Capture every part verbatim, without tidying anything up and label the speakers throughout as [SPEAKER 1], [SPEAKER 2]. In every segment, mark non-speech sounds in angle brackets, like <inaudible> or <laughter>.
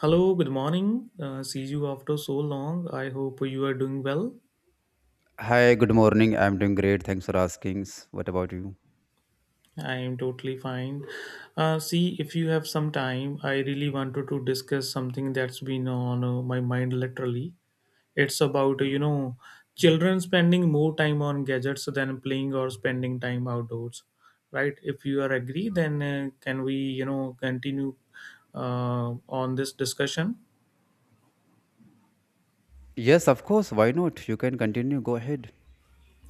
[SPEAKER 1] Hello, good morning. Uh, see you after so long. I hope you are doing well.
[SPEAKER 2] Hi, good morning. I'm doing great. Thanks for asking. What about you?
[SPEAKER 1] I am totally fine. Uh, see, if you have some time, I really wanted to discuss something that's been on uh, my mind literally. It's about, you know, children spending more time on gadgets than playing or spending time outdoors, right? If you are agree, then uh, can we, you know, continue uh, on this discussion?
[SPEAKER 2] Yes, of course. Why not? You can continue. Go ahead.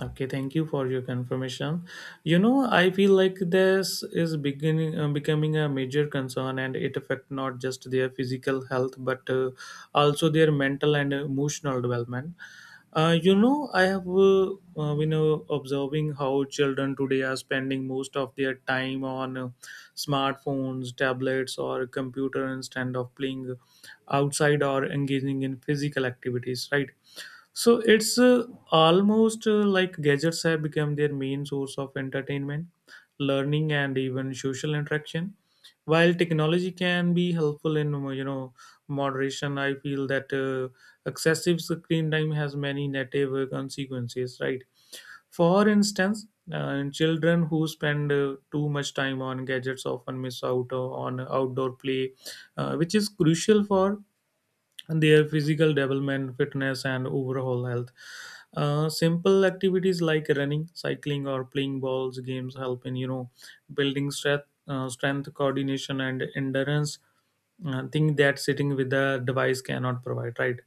[SPEAKER 1] Okay, thank you for your confirmation. You know, I feel like this is beginning uh, becoming a major concern, and it affects not just their physical health but uh, also their mental and emotional development. Uh, you know, I have uh, uh, you know observing how children today are spending most of their time on uh, smartphones, tablets, or computer instead of playing outside or engaging in physical activities. Right, so it's uh, almost uh, like gadgets have become their main source of entertainment, learning, and even social interaction. While technology can be helpful in you know moderation, I feel that uh, excessive screen time has many negative uh, consequences. Right? For instance, uh, children who spend uh, too much time on gadgets often miss out uh, on outdoor play, uh, which is crucial for their physical development, fitness, and overall health. Uh, simple activities like running, cycling, or playing balls games help in you know building strength, uh, strength, coordination, and endurance, uh, thing that sitting with the device cannot provide, right?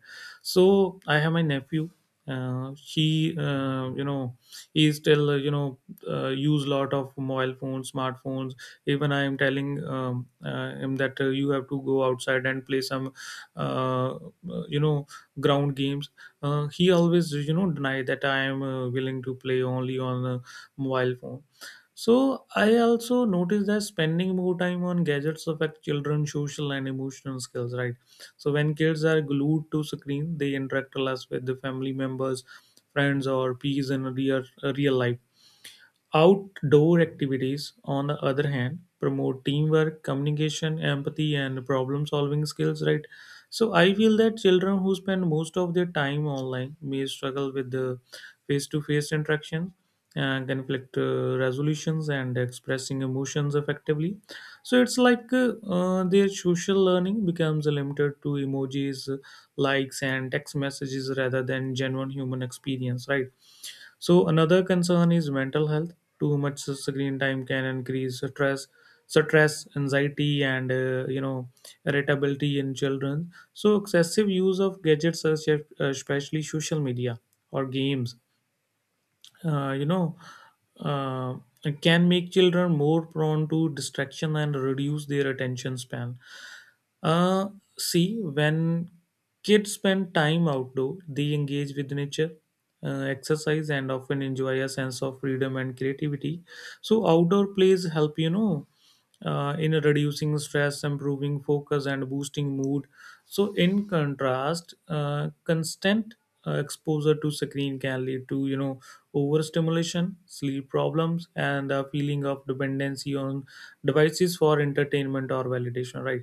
[SPEAKER 1] So I have my nephew. Uh, he uh, you know, he still uh, you know, uh, use lot of mobile phones, smartphones. Even I am telling um, uh, him that uh, you have to go outside and play some uh, uh, you know, ground games. Uh, he always, you know, deny that I am uh, willing to play only on a mobile phone. So I also noticed that spending more time on gadgets affect children's social and emotional skills, right? So when kids are glued to screen, they interact less with the family members, friends, or peers in real, real life. Outdoor activities, on the other hand, promote teamwork, communication, empathy, and problem solving skills, right? So I feel that children who spend most of their time online may struggle with the face to face interactions and conflict uh, resolutions and expressing emotions effectively. So it's like uh, uh, their social learning becomes limited to emojis, likes, and text messages rather than genuine human experience, right? So another concern is mental health. Too much screen time can increase stress, stress, anxiety, and uh, you know irritability in children. So excessive use of gadgets, such as- especially social media or games, uh, you know, uh, can make children more prone to distraction and reduce their attention span. Uh, See, when kids spend time outdoor, they engage with nature, uh, exercise, and often enjoy a sense of freedom and creativity. So outdoor plays help you know uh, in reducing stress, improving focus, and boosting mood. So in contrast, uh, constant uh, exposure to screen can lead to you know overstimulation, sleep problems, and a feeling of dependency on devices for entertainment or validation. Right.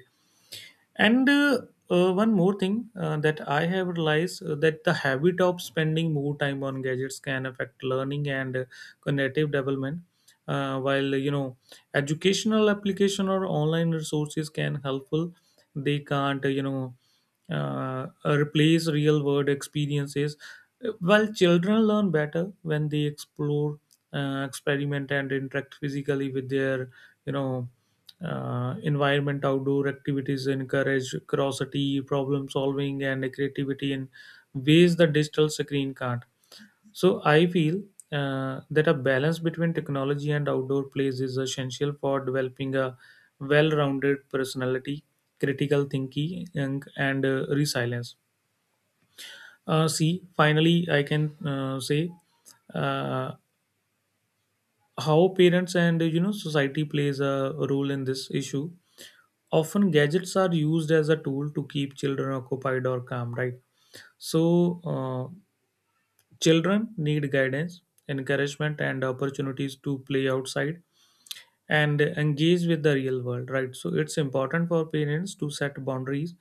[SPEAKER 1] And uh, uh, one more thing uh, that I have realized, uh, that the habit of spending more time on gadgets can affect learning and uh, cognitive development. Uh, while you know educational application or online resources can helpful, they can't uh, you know, uh, replace real world experiences. While children learn better when they explore, uh, experiment and interact physically with their you know uh, environment, outdoor activities encourage curiosity, problem solving and creativity in ways the digital screen can't. So I feel uh, that a balance between technology and outdoor plays is essential for developing a well-rounded personality, critical thinking, and, and uh, resilience. Uh, see, finally, I can uh, say uh, how parents and you know society plays a role in this issue. Often, gadgets are used as a tool to keep children occupied or calm, right? So, uh, children need guidance, encouragement, and opportunities to play outside and engage with the real world, right? So it's important for parents to set boundaries,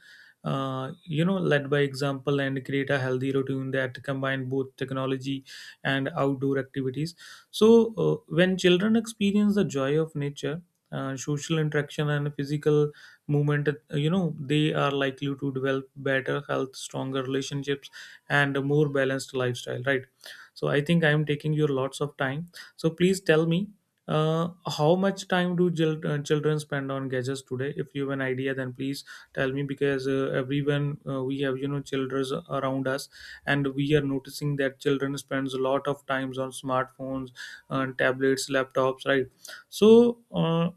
[SPEAKER 1] uh, you know, led by example and create a healthy routine that combine both technology and outdoor activities. So uh, when children experience the joy of nature, uh, social interaction and physical movement, uh, you know, they are likely to develop better health, stronger relationships and a more balanced lifestyle, right? So I think I am taking your lots of time, so please tell me, uh, how much time do chil- uh, children spend on gadgets today? If you have an idea, then please tell me, because uh, everyone uh, we have, you know, children around us, and we are noticing that children spends a lot of times on smartphones, and tablets, laptops, right? So, uh,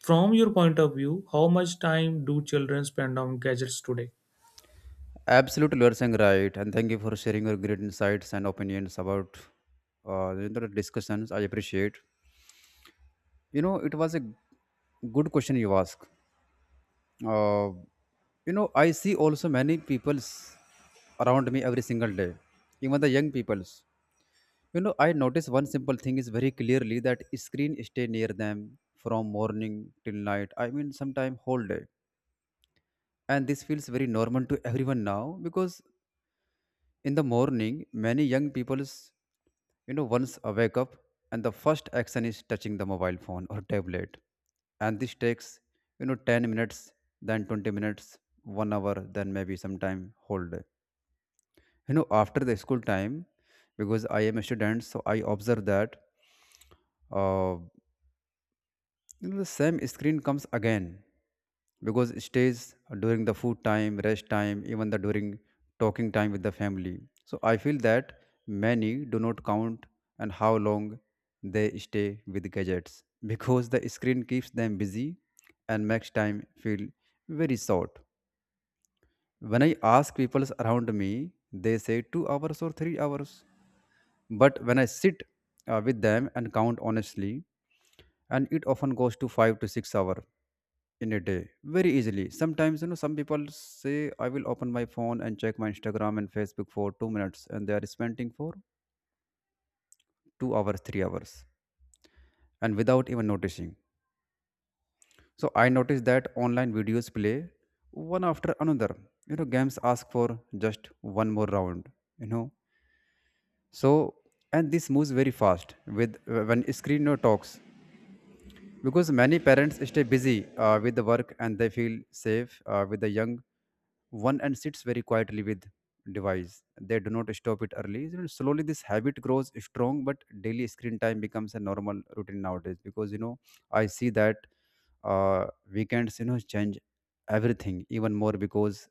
[SPEAKER 1] from your point of view, how much time do children spend on gadgets today?
[SPEAKER 2] Absolutely, you are saying right. And thank you for sharing your great insights and opinions about uh, you know, the discussions. I appreciate. You know, it was a good question you asked. Uh, you know, I see also many peoples around me every single day, even the young peoples. You know, I notice one simple thing is very clearly that screen stay near them from morning till night. I mean, sometime whole day. And this feels very normal to everyone now because in the morning, many young people's, you know, once I wake up and the first action is touching the mobile phone or tablet. And this takes, you know, ten minutes, then twenty minutes, one hour, then maybe sometime whole day, you know, after the school time, because I am a student, so I observe that, uh, you know, the same screen comes again because it stays during the food time, rest time, even the during talking time with the family. So I feel that many do not count and how long they stay with gadgets <laughs> because the screen keeps them busy and makes time feel very short. When I ask people around me, they say two hours or three hours. But when I sit uh, with them and count honestly, and it often goes to five to six hour in a day very easily. Sometimes, you know, some people say I will open my phone and check my Instagram and Facebook for two minutes, and they are spending for two hours, three hours, and without even noticing. So I noticed that online videos play one after another. You know, games ask for just one more round. You know, so and this moves very fast with when screen no talks because many parents stay busy uh, with the work, and they feel safe uh, with the young one and sits very quietly with device. They do not stop it early. So slowly this habit grows strong, but daily screen time becomes a normal routine nowadays because, you know, I see that, uh, weekends, you know, change everything even more because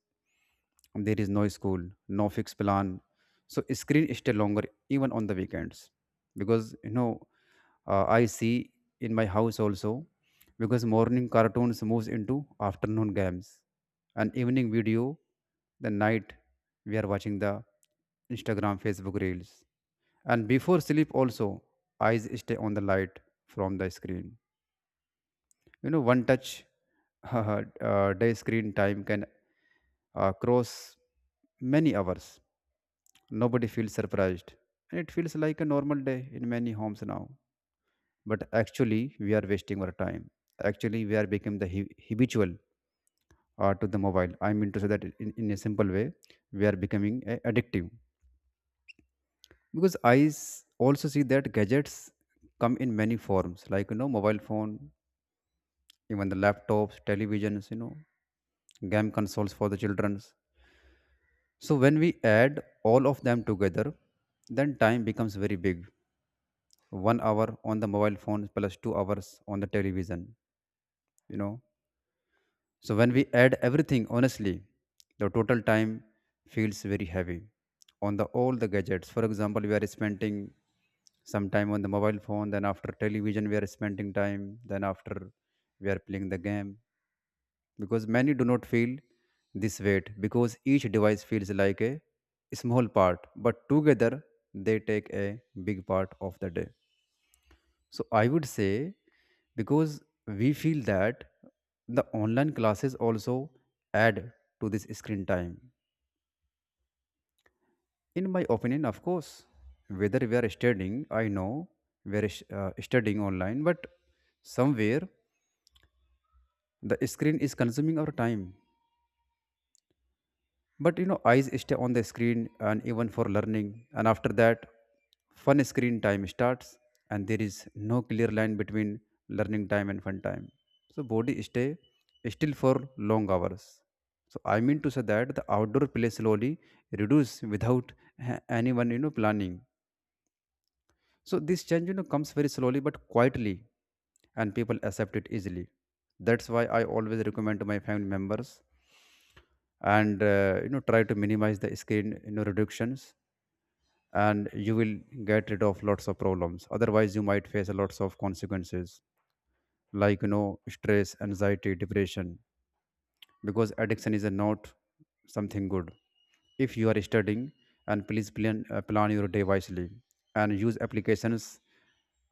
[SPEAKER 2] there is no school, no fixed plan. So screen stay longer even on the weekends because, you know, uh, I see in my house also, because morning cartoons moves into afternoon games, an evening video. The night we are watching the Instagram, Facebook reels, and before sleep also eyes stay on the light from the screen. You know, one touch <laughs> uh, day screen time can uh, cross many hours. Nobody feels surprised, and it feels like a normal day in many homes now. But actually we are wasting our time. Actually we are becoming the hu- habitual uh, to the mobile. I mean to say that in, in a simple way, we are becoming a- addictive because i s- also see that gadgets come in many forms like, you know, mobile phone, even the laptops, televisions, you know, game consoles for the children's. So when we add all of them together, then time becomes very big. One hour on the mobile phone plus two hours on the television, you know. So when we add everything, honestly, the total time feels very heavy on the all the gadgets. For example, we are spending some time on the mobile phone, then after television we are spending time, then after we are playing the game. Because many do not feel this weight because each device feels like a small part, but together they take a big part of the day. So I would say, because we feel that the online classes also add to this screen time. In my opinion, of course, whether we are studying, I know we are sh- uh, studying online, but somewhere the screen is consuming our time. But, you know, eyes stay on the screen and even for learning, and after that fun screen time starts, and there is no clear line between learning time and fun time. So body stay still for long hours. So I mean to say that the outdoor play slowly reduce without a- anyone, you know, planning. So this change, you know, comes very slowly but quietly, and people accept it easily. That's why I always recommend to my family members and, uh, you know, try to minimize the screen, you know, reductions, and you will get rid of lots of problems. Otherwise you might face a lots of consequences like, you know, stress, anxiety, depression, because addiction is a not something good. If you are studying, and please plan, uh, plan your day wisely, and use applications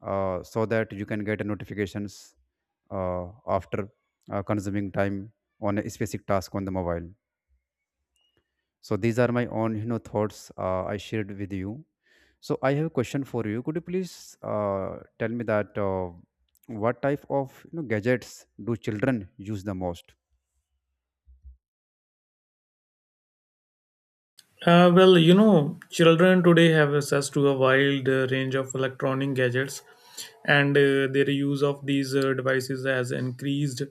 [SPEAKER 2] uh, so that you can get notifications uh, after uh, consuming time on a specific task on the mobile. So these are my own, you know, thoughts uh, I shared with you. So I have a question for you. Could you please uh, tell me that, uh, what type of, you know, gadgets do children use the most?
[SPEAKER 1] Uh, well, you know, children today have access to a wide uh, range of electronic gadgets, and uh, their use of these uh, devices has increased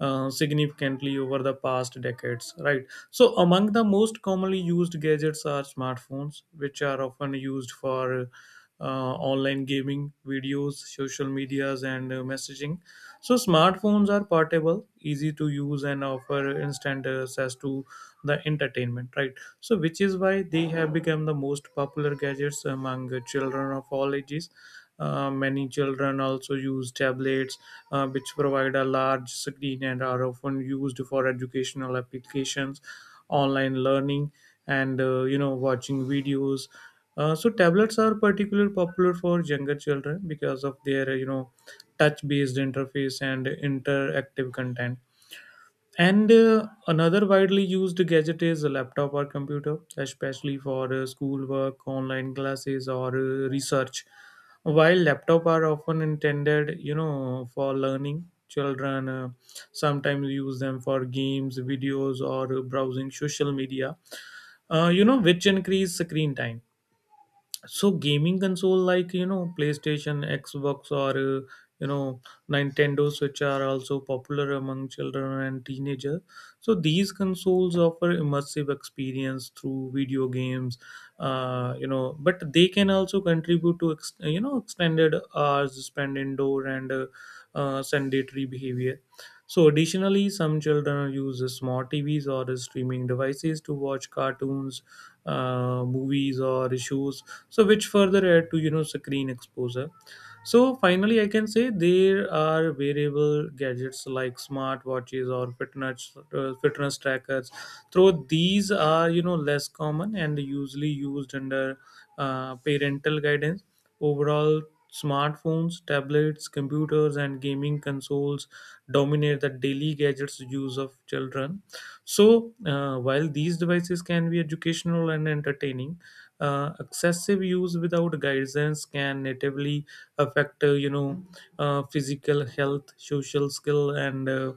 [SPEAKER 1] uh, significantly over the past decades, right? So, among the most commonly used gadgets are smartphones, which are often used for uh, online gaming, videos, social medias, and uh, messaging. So, smartphones are portable, easy to use, and offer instant access to the entertainment, right? So which is why they have become the most popular gadgets among the children of all ages. Uh, many children also use tablets, uh, which provide a large screen and are often used for educational applications, online learning, and uh, you know watching videos. Uh, so tablets are particularly popular for younger children because of their you know touch based interface and interactive content. And uh, another widely used gadget is a laptop or computer, especially for uh, schoolwork, online classes, or uh, research. While laptop are often intended, you know, for learning, children uh, sometimes use them for games, videos, or uh, browsing social media. Uh, you know, which increase screen time. So gaming console like you know PlayStation, Xbox, or uh, you know Nintendo Switch are also popular among children and teenagers. So these consoles offer immersive experience through video games, uh, you know, but they can also contribute to ex- you know extended hours spent indoor and uh, uh, sedentary behavior. So additionally, some children use smart TVs or streaming devices to watch cartoons, uh, movies or shows, so which further add to you know screen exposure. So finally I can say there are variable gadgets like smart watches or fitness uh, fitness trackers, though these are you know less common and usually used under uh, parental guidance. Overall, smartphones, tablets, computers and gaming consoles dominate the daily gadgets use of children. So uh, while these devices can be educational and entertaining, uh, excessive use without guidance can natively affect uh, you know, uh, physical health, social skill and uh,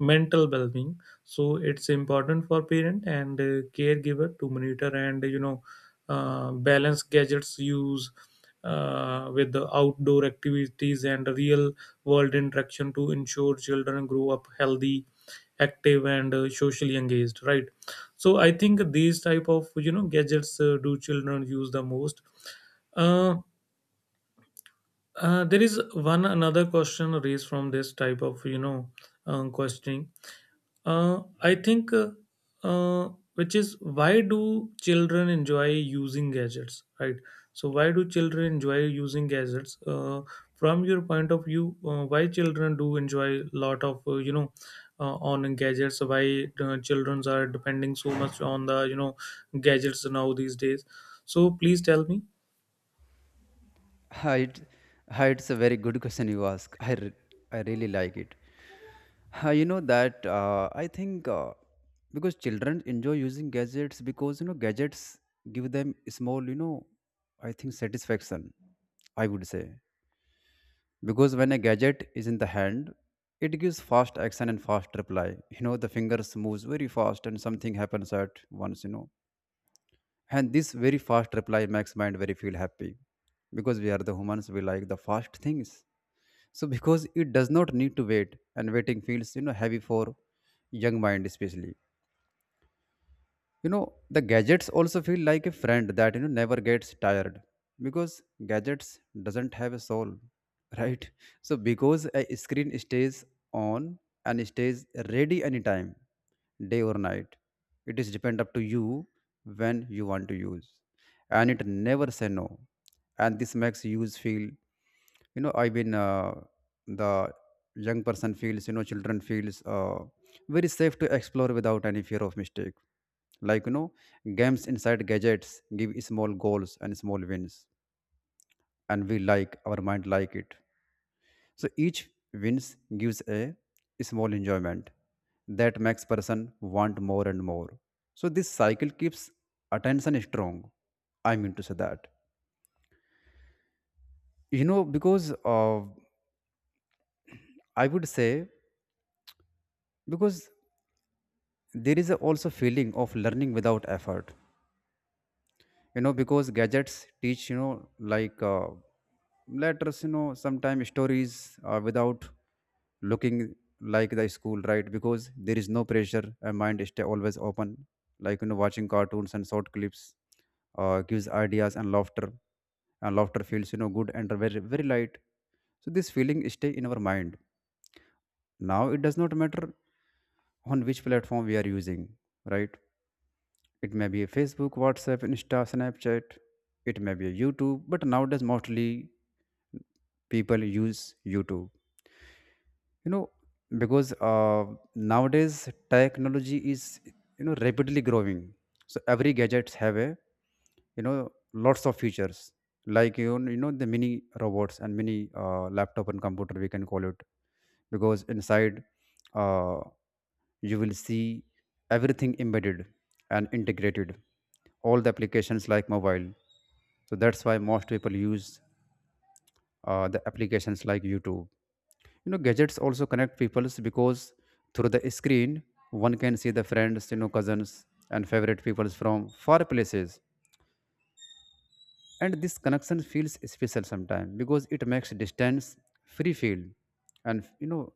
[SPEAKER 1] mental well-being. So it's important for parent and uh, caregiver to monitor and you know uh, balance gadgets use uh, with the outdoor activities and real world interaction to ensure children grow up healthy, active and uh, socially engaged, right? So I think these type of you know gadgets uh, do children use the most. uh, uh, there is one another question raised from this type of you know um, questioning. Uh, I think, uh, uh, which is, why do children enjoy using gadgets, right? So, why do children enjoy using gadgets? Uh, from your point of view, uh, why children do enjoy lot of uh, you know uh, on gadgets? Why uh, children are depending so much on the you know gadgets now these days? So, please tell me.
[SPEAKER 2] Uh, It, uh, it's a very good question you ask. I, re- I really like it. Uh, you know that, uh, I think, uh, because children enjoy using gadgets because, you know, gadgets give them small, you know, I think satisfaction. I would say because when a gadget is in the hand, it gives fast action and fast reply. You know, the fingers moves very fast, and something happens at once, you know, and this very fast reply makes mind very feel happy because we are the humans, we like the fast things. So because it does not need to wait, and waiting feels, you know, heavy for young mind especially. You know, the gadgets also feel like a friend that, you know, never gets tired because gadgets doesn't have a soul <laughs> right? So because a screen stays on and stays ready anytime, day or night, it is depend up to you when you want to use, and it never say no. And this makes use feel, you know, I mean, uh, the young person feels, you know, children feels, uh, very safe to explore without any fear of mistake. Like, you know, games inside gadgets give small goals and small wins, and we like our mind like it. So each wins gives a small enjoyment that makes person want more and more. So this cycle keeps attention strong. I mean to say that, you know, because, uh, I would say, because there is a also feeling of learning without effort. You know, because gadgets teach, you know, like, uh, letters, you know, sometimes stories, uh, without looking like the school, right? Because there is no pressure and mind stay always open. Like, you know, watching cartoons and short clips uh, gives ideas and laughter, and laughter feels, you know, good and very very light. So this feeling stay in our mind. Now it does not matter on which platform we are using, right? It may be a Facebook, WhatsApp, Insta, Snapchat. It may be a YouTube, but nowadays mostly people use YouTube, you know, because, uh, nowadays technology is, you know, rapidly growing. So every gadgets have a, you know, lots of features like, you know, you know, the mini robots and mini uh, laptop and computer, we can call it, because inside, uh, you will see everything embedded and integrated, all the applications like mobile. So that's why most people use uh, the applications like YouTube. You know, gadgets also connect peoples because through the screen one can see the friends, you know, cousins and favorite peoples from far places, and this connection feels special. Sometimes because it makes distance free feel, and, you know,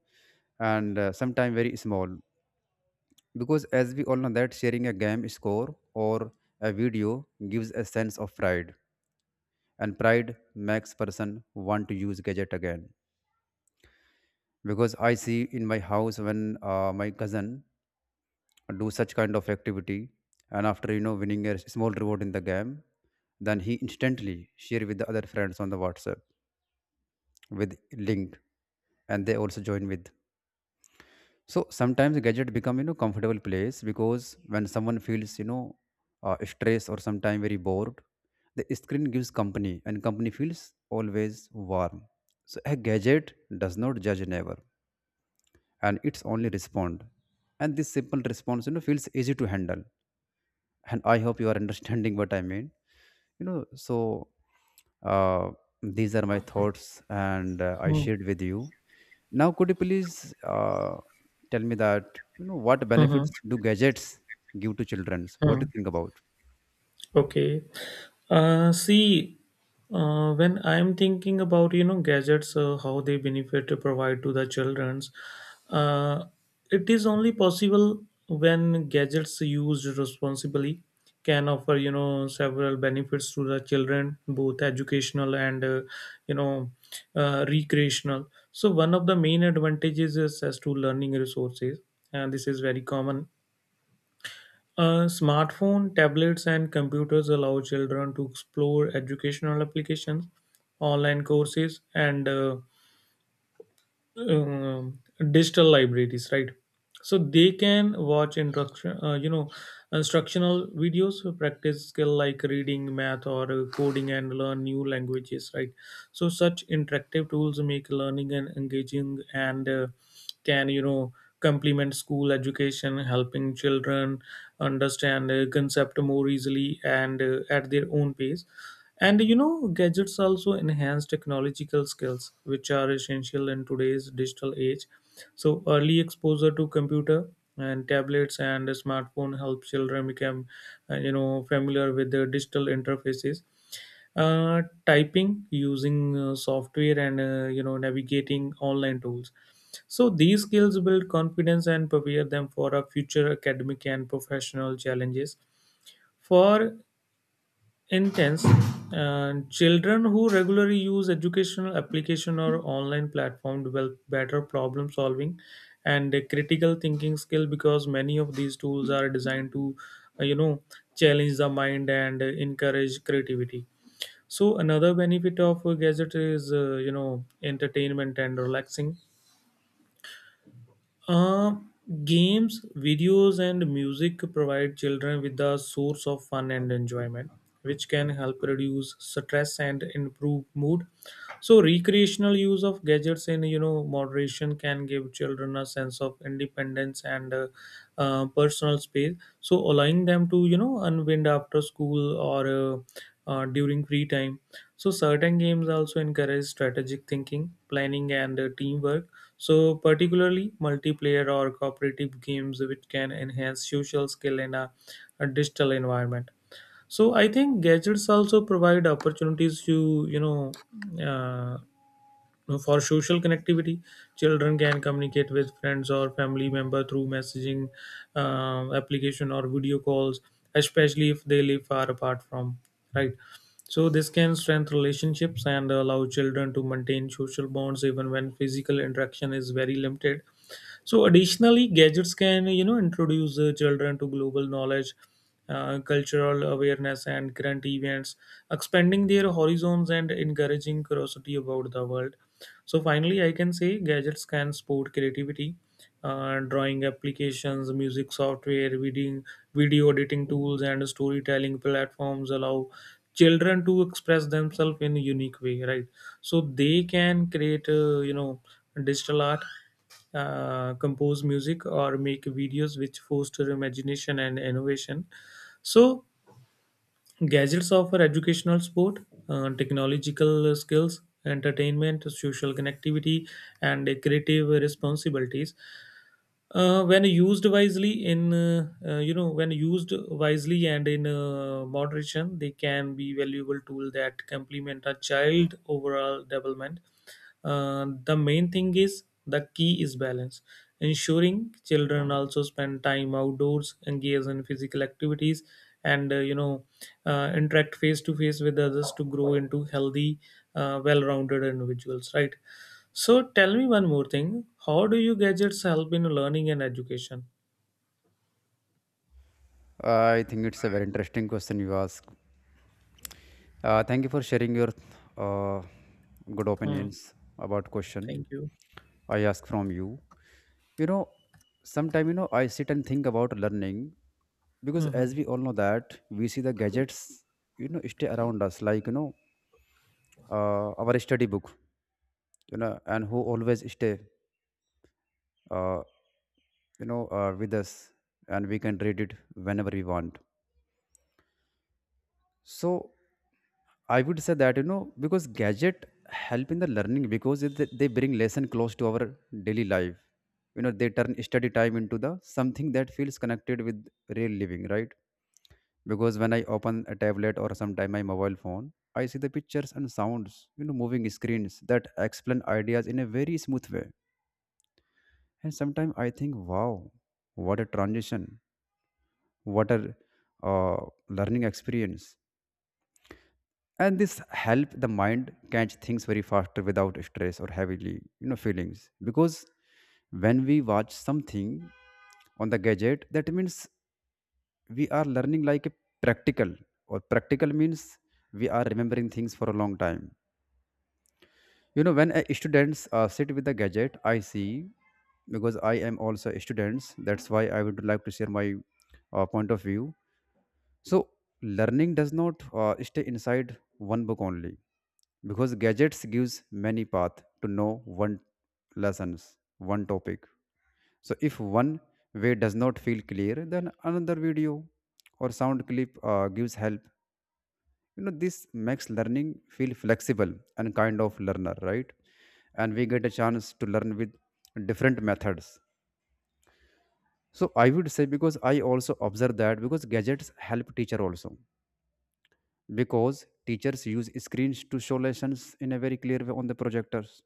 [SPEAKER 2] and, uh, sometimes very small, because as we all know that sharing a game score or a video gives a sense of pride, and pride makes person want to use gadget again. Because I see in my house when, uh, my cousin do such kind of activity, and after, you know, winning a small reward in the game, then he instantly share with the other friends on the WhatsApp with link, and they also join with. So sometimes gadget become, you know, comfortable place because when someone feels, you know, uh, stressed or sometimes very bored, the screen gives company, and company feels always warm. So a gadget does not judge, never, and it's only respond, and this simple response, you know, feels easy to handle. And I hope you are understanding what I mean, you know. So, uh, these are my thoughts, and, uh, I
[SPEAKER 1] Hmm.
[SPEAKER 2] shared with you. Now could you please uh, tell me that, you know, what benefits
[SPEAKER 1] Mhm.
[SPEAKER 2] do gadgets give to children, what do
[SPEAKER 1] Hmm.
[SPEAKER 2] you think about?
[SPEAKER 1] Okay. Uh, see, uh, when I'm thinking about you know gadgets, uh, how they benefit to provide to the childrens, uh, it is only possible when gadgets used responsibly can offer you know several benefits to the children, both educational and uh, you know uh, recreational. So one of the main advantages is as to learning resources, and this is very common. Uh, smartphone, tablets, and computers allow children to explore educational applications, online courses, and uh, um, digital libraries, right? So they can watch instruction uh, you know instructional videos to practice skill like reading, math or uh, coding and learn new languages, right? So such interactive tools make learning and engaging and uh, can you know complement school education, helping children understand a concept more easily and uh, at their own pace. And you know, gadgets also enhance technological skills, which are essential in today's digital age. So early exposure to computer and tablets and smartphone help children become, uh, you know, familiar with the digital interfaces. Uh, typing, using uh, software and uh, you know navigating online tools. So these skills build confidence and prepare them for a future academic and professional challenges. For intense and children who regularly use educational application or online platform develop better problem solving and a critical thinking skill because many of these tools are designed to uh, you know challenge the mind and uh, encourage creativity. So another benefit of a gadget is uh, you know entertainment and relaxing. uh, Games, videos, and music provide children with a source of fun and enjoyment, which can help reduce stress and improve mood. So, recreational use of gadgets in you know moderation can give children a sense of independence and uh, uh, personal space, so allowing them to you know unwind after school or uh, uh, during free time. So, certain games also encourage strategic thinking, planning, and uh, teamwork, so particularly multiplayer or cooperative games which can enhance social skill in a, a digital environment. So, I think gadgets also provide opportunities to you know uh, for social connectivity. Children can communicate with friends or family member through messaging uh, application or video calls, especially if they live far apart from, right. So this can strengthen relationships and allow children to maintain social bonds even when physical interaction is very limited. So additionally, gadgets can you know introduce uh, children to global knowledge, uh, cultural awareness, and current events, expanding their horizons and encouraging curiosity about the world. So finally, I can say gadgets can support creativity. Uh, drawing applications, music software, reading, video editing tools, and storytelling platforms allow children to express themselves in a unique way, right? So they can create uh, you know digital art, uh, compose music, or make videos which foster imagination and innovation. So gadgets offer educational support, uh, technological skills, entertainment, social connectivity, and creative responsibilities. Uh, when used wisely in uh, uh, you know when used wisely and in uh, moderation, they can be valuable tool that complement a child overall development. Uh, the main thing is the key is balance, ensuring children also spend time outdoors, engage in physical activities, and uh, you know uh, interact face to face with others to grow into healthy, uh, well-rounded individuals. Right. So tell me one more thing. How do you gadgets help in learning and education?
[SPEAKER 2] I think it's a very interesting question you ask. Uh, thank you for sharing your uh, good
[SPEAKER 1] Hmm.
[SPEAKER 2] opinions about question
[SPEAKER 1] Thank you.
[SPEAKER 2] I ask from you. You know Sometimes you know I sit and think about learning, because as
[SPEAKER 1] Hmm.
[SPEAKER 2] we all know that we see the gadgets, you know stay around us, like you know uh, our study book, you know and who always stay, uh, you know uh, with us, and we can read it whenever we want. So I would say that you know because gadget help in the learning, because it, they bring lesson close to our daily life. You know they turn study time into the something that feels connected with real living, right? Because when I open a tablet or sometime my mobile phone, I see the pictures and sounds, you know moving screens that explain ideas in a very smooth way. And sometimes I think wow, what a transition, what a uh, learning experience. And this help the mind catch things very faster without stress or heavily you know feelings, because when we watch something on the gadget, that means we are learning like a practical, or practical means we are remembering things for a long time. You know when a students uh, sit with the gadget, I see, because I am also a students, that's why I would like to share my uh, point of view. So learning does not uh, stay inside one book only, because gadgets gives many path to know one lessons, one topic. So if one way does not feel clear, then another video or sound clip uh, gives help. You know, this makes learning feel flexible and kind of learner, right? And we get a chance to learn with different methods. So I would say, because I also observe that, because gadgets help teacher also, because teachers use screens to show lessons in a very clear way on the projectors.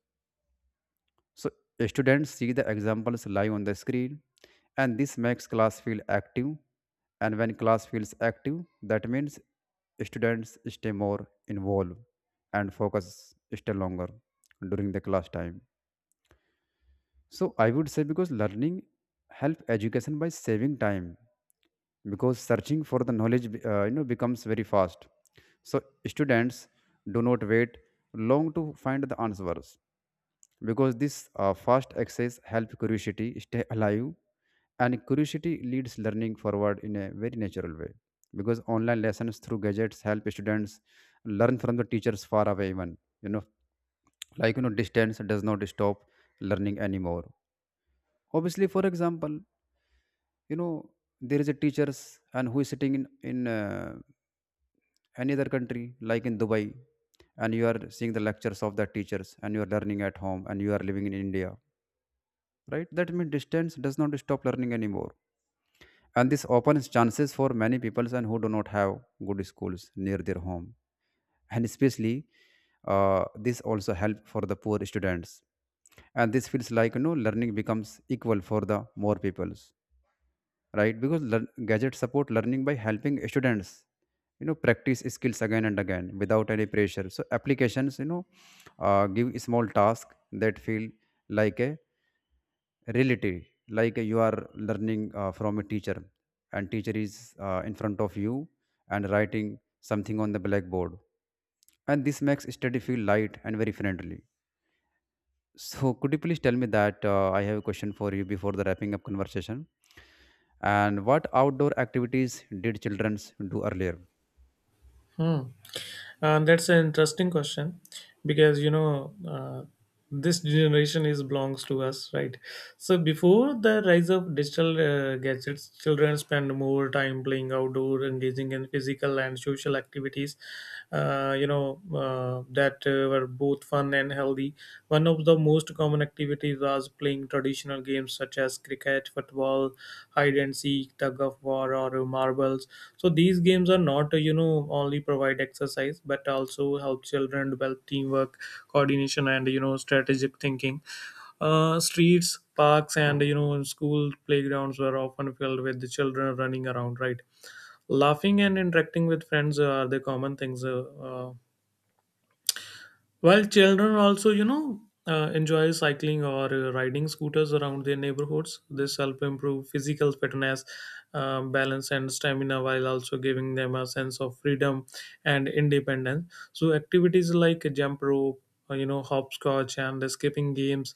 [SPEAKER 2] So students see the examples live on the screen, and this makes class feel active. And when class feels active, that means students stay more involved and focus stay longer during the class time. So I would say because learning help education by saving time, because searching for the knowledge uh, you know becomes very fast. So students do not wait long to find the answers, because this uh, fast access helps curiosity stay alive, and curiosity leads learning forward in a very natural way, because online lessons through gadgets help students learn from the teachers far away, even you know like you know distance does not stop learning anymore. Obviously, for example, you know there is a teachers and who is sitting in in uh, any other country like in Dubai, and you are seeing the lectures of that teachers and you are learning at home and you are living in India, right? That means distance does not stop learning anymore. And this opens chances for many people and who do not have good schools near their home. And especially, uh, this also help for the poor students. And this feels like you know learning becomes equal for the more peoples, right? Because learn- gadgets support learning by helping students, you know, practice skills again and again without any pressure. So applications, you know, uh, give small task that feel like a reality, like you are learning uh, from a teacher, and teacher is uh, in front of you and writing something on the blackboard, and this makes study feel light and very friendly. So could you please tell me that, uh, I have a question for you before the wrapping up conversation, and what outdoor activities did children do earlier?
[SPEAKER 1] Hmm. Uh, that's an interesting question because you know uh, this generation is belongs to us, right? So before the rise of digital uh, gadgets, children spend more time playing outdoor, engaging in physical and social activities, uh, you know uh, that uh, were both fun and healthy. One of the most common activities was playing traditional games such as cricket, football, hide and seek, tug of war, or marbles. So these games are not uh, you know only provide exercise but also help children develop teamwork, coordination, and you know strategic thinking. Uh, streets, parks, and you know school playgrounds were often filled with the children running around, right, laughing and interacting with friends are the common things uh, uh, while children also, you know, uh, enjoy cycling or uh, riding scooters around their neighborhoods. This help improve physical fitness, um, balance, and stamina, while also giving them a sense of freedom and independence. So activities like jump rope, uh, you know, hopscotch, and skipping games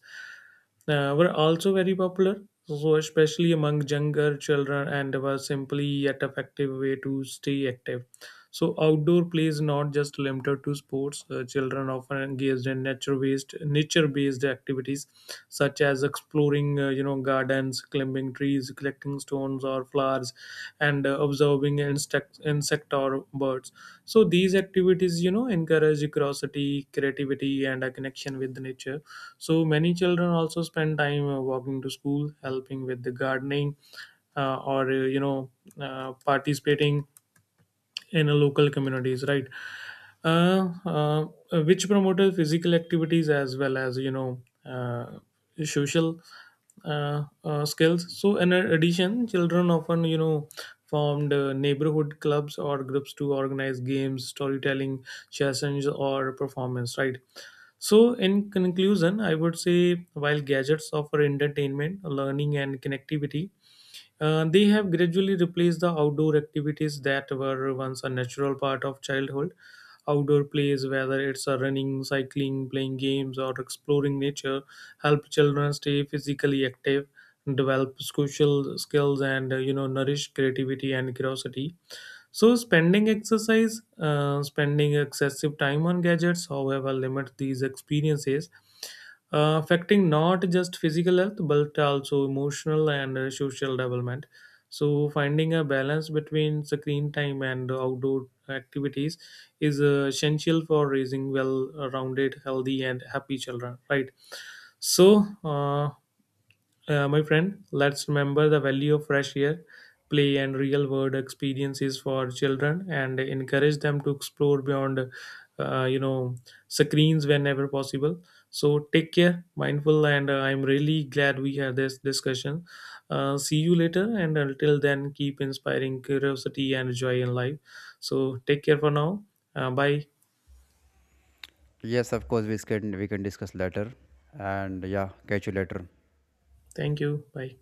[SPEAKER 1] uh, were also very popular, so especially among younger children, and were simply yet effective way to stay active. So outdoor play is not just limited to sports. Uh, children often engaged in nature-based nature-based activities such as exploring, uh, you know, gardens, climbing trees, collecting stones or flowers, and uh, observing insect insect or birds. So these activities, you know, encourage curiosity, creativity, and a connection with nature. So many children also spend time uh, walking to school, helping with the gardening, uh, or uh, you know, uh, participating in a local communities, right, uh, uh, which promoted physical activities as well as you know uh, social uh, uh, skills. So in addition, children often you know formed uh, neighborhood clubs or groups to organize games, storytelling sessions, or performance, right? So in conclusion, I would say while gadgets offer entertainment, learning, and connectivity, uh, they have gradually replaced the outdoor activities that were once a natural part of childhood. Outdoor plays, whether it's a running, cycling, playing games, or exploring nature, help children stay physically active, develop social skills, and uh, you know nourish creativity and curiosity. So, spending exercise, uh, spending excessive time on gadgets, however, limits these experiences, uh, affecting not just physical health but also emotional and uh, social development. So, finding a balance between screen time and outdoor activities is uh, essential for raising well-rounded, healthy, and happy children. Right. So, uh, uh, my friend, let's remember the value of fresh air, play, and real world experiences for children and encourage them to explore beyond, uh, you know, screens whenever possible. So take care, mindful, and uh, I'm really glad we had this discussion. Uh, see you later, and until then, keep inspiring curiosity and joy in life. So take care for now. Uh, bye.
[SPEAKER 2] Yes, of course, we can we can discuss later. And yeah, catch you later.
[SPEAKER 1] Thank you. Bye.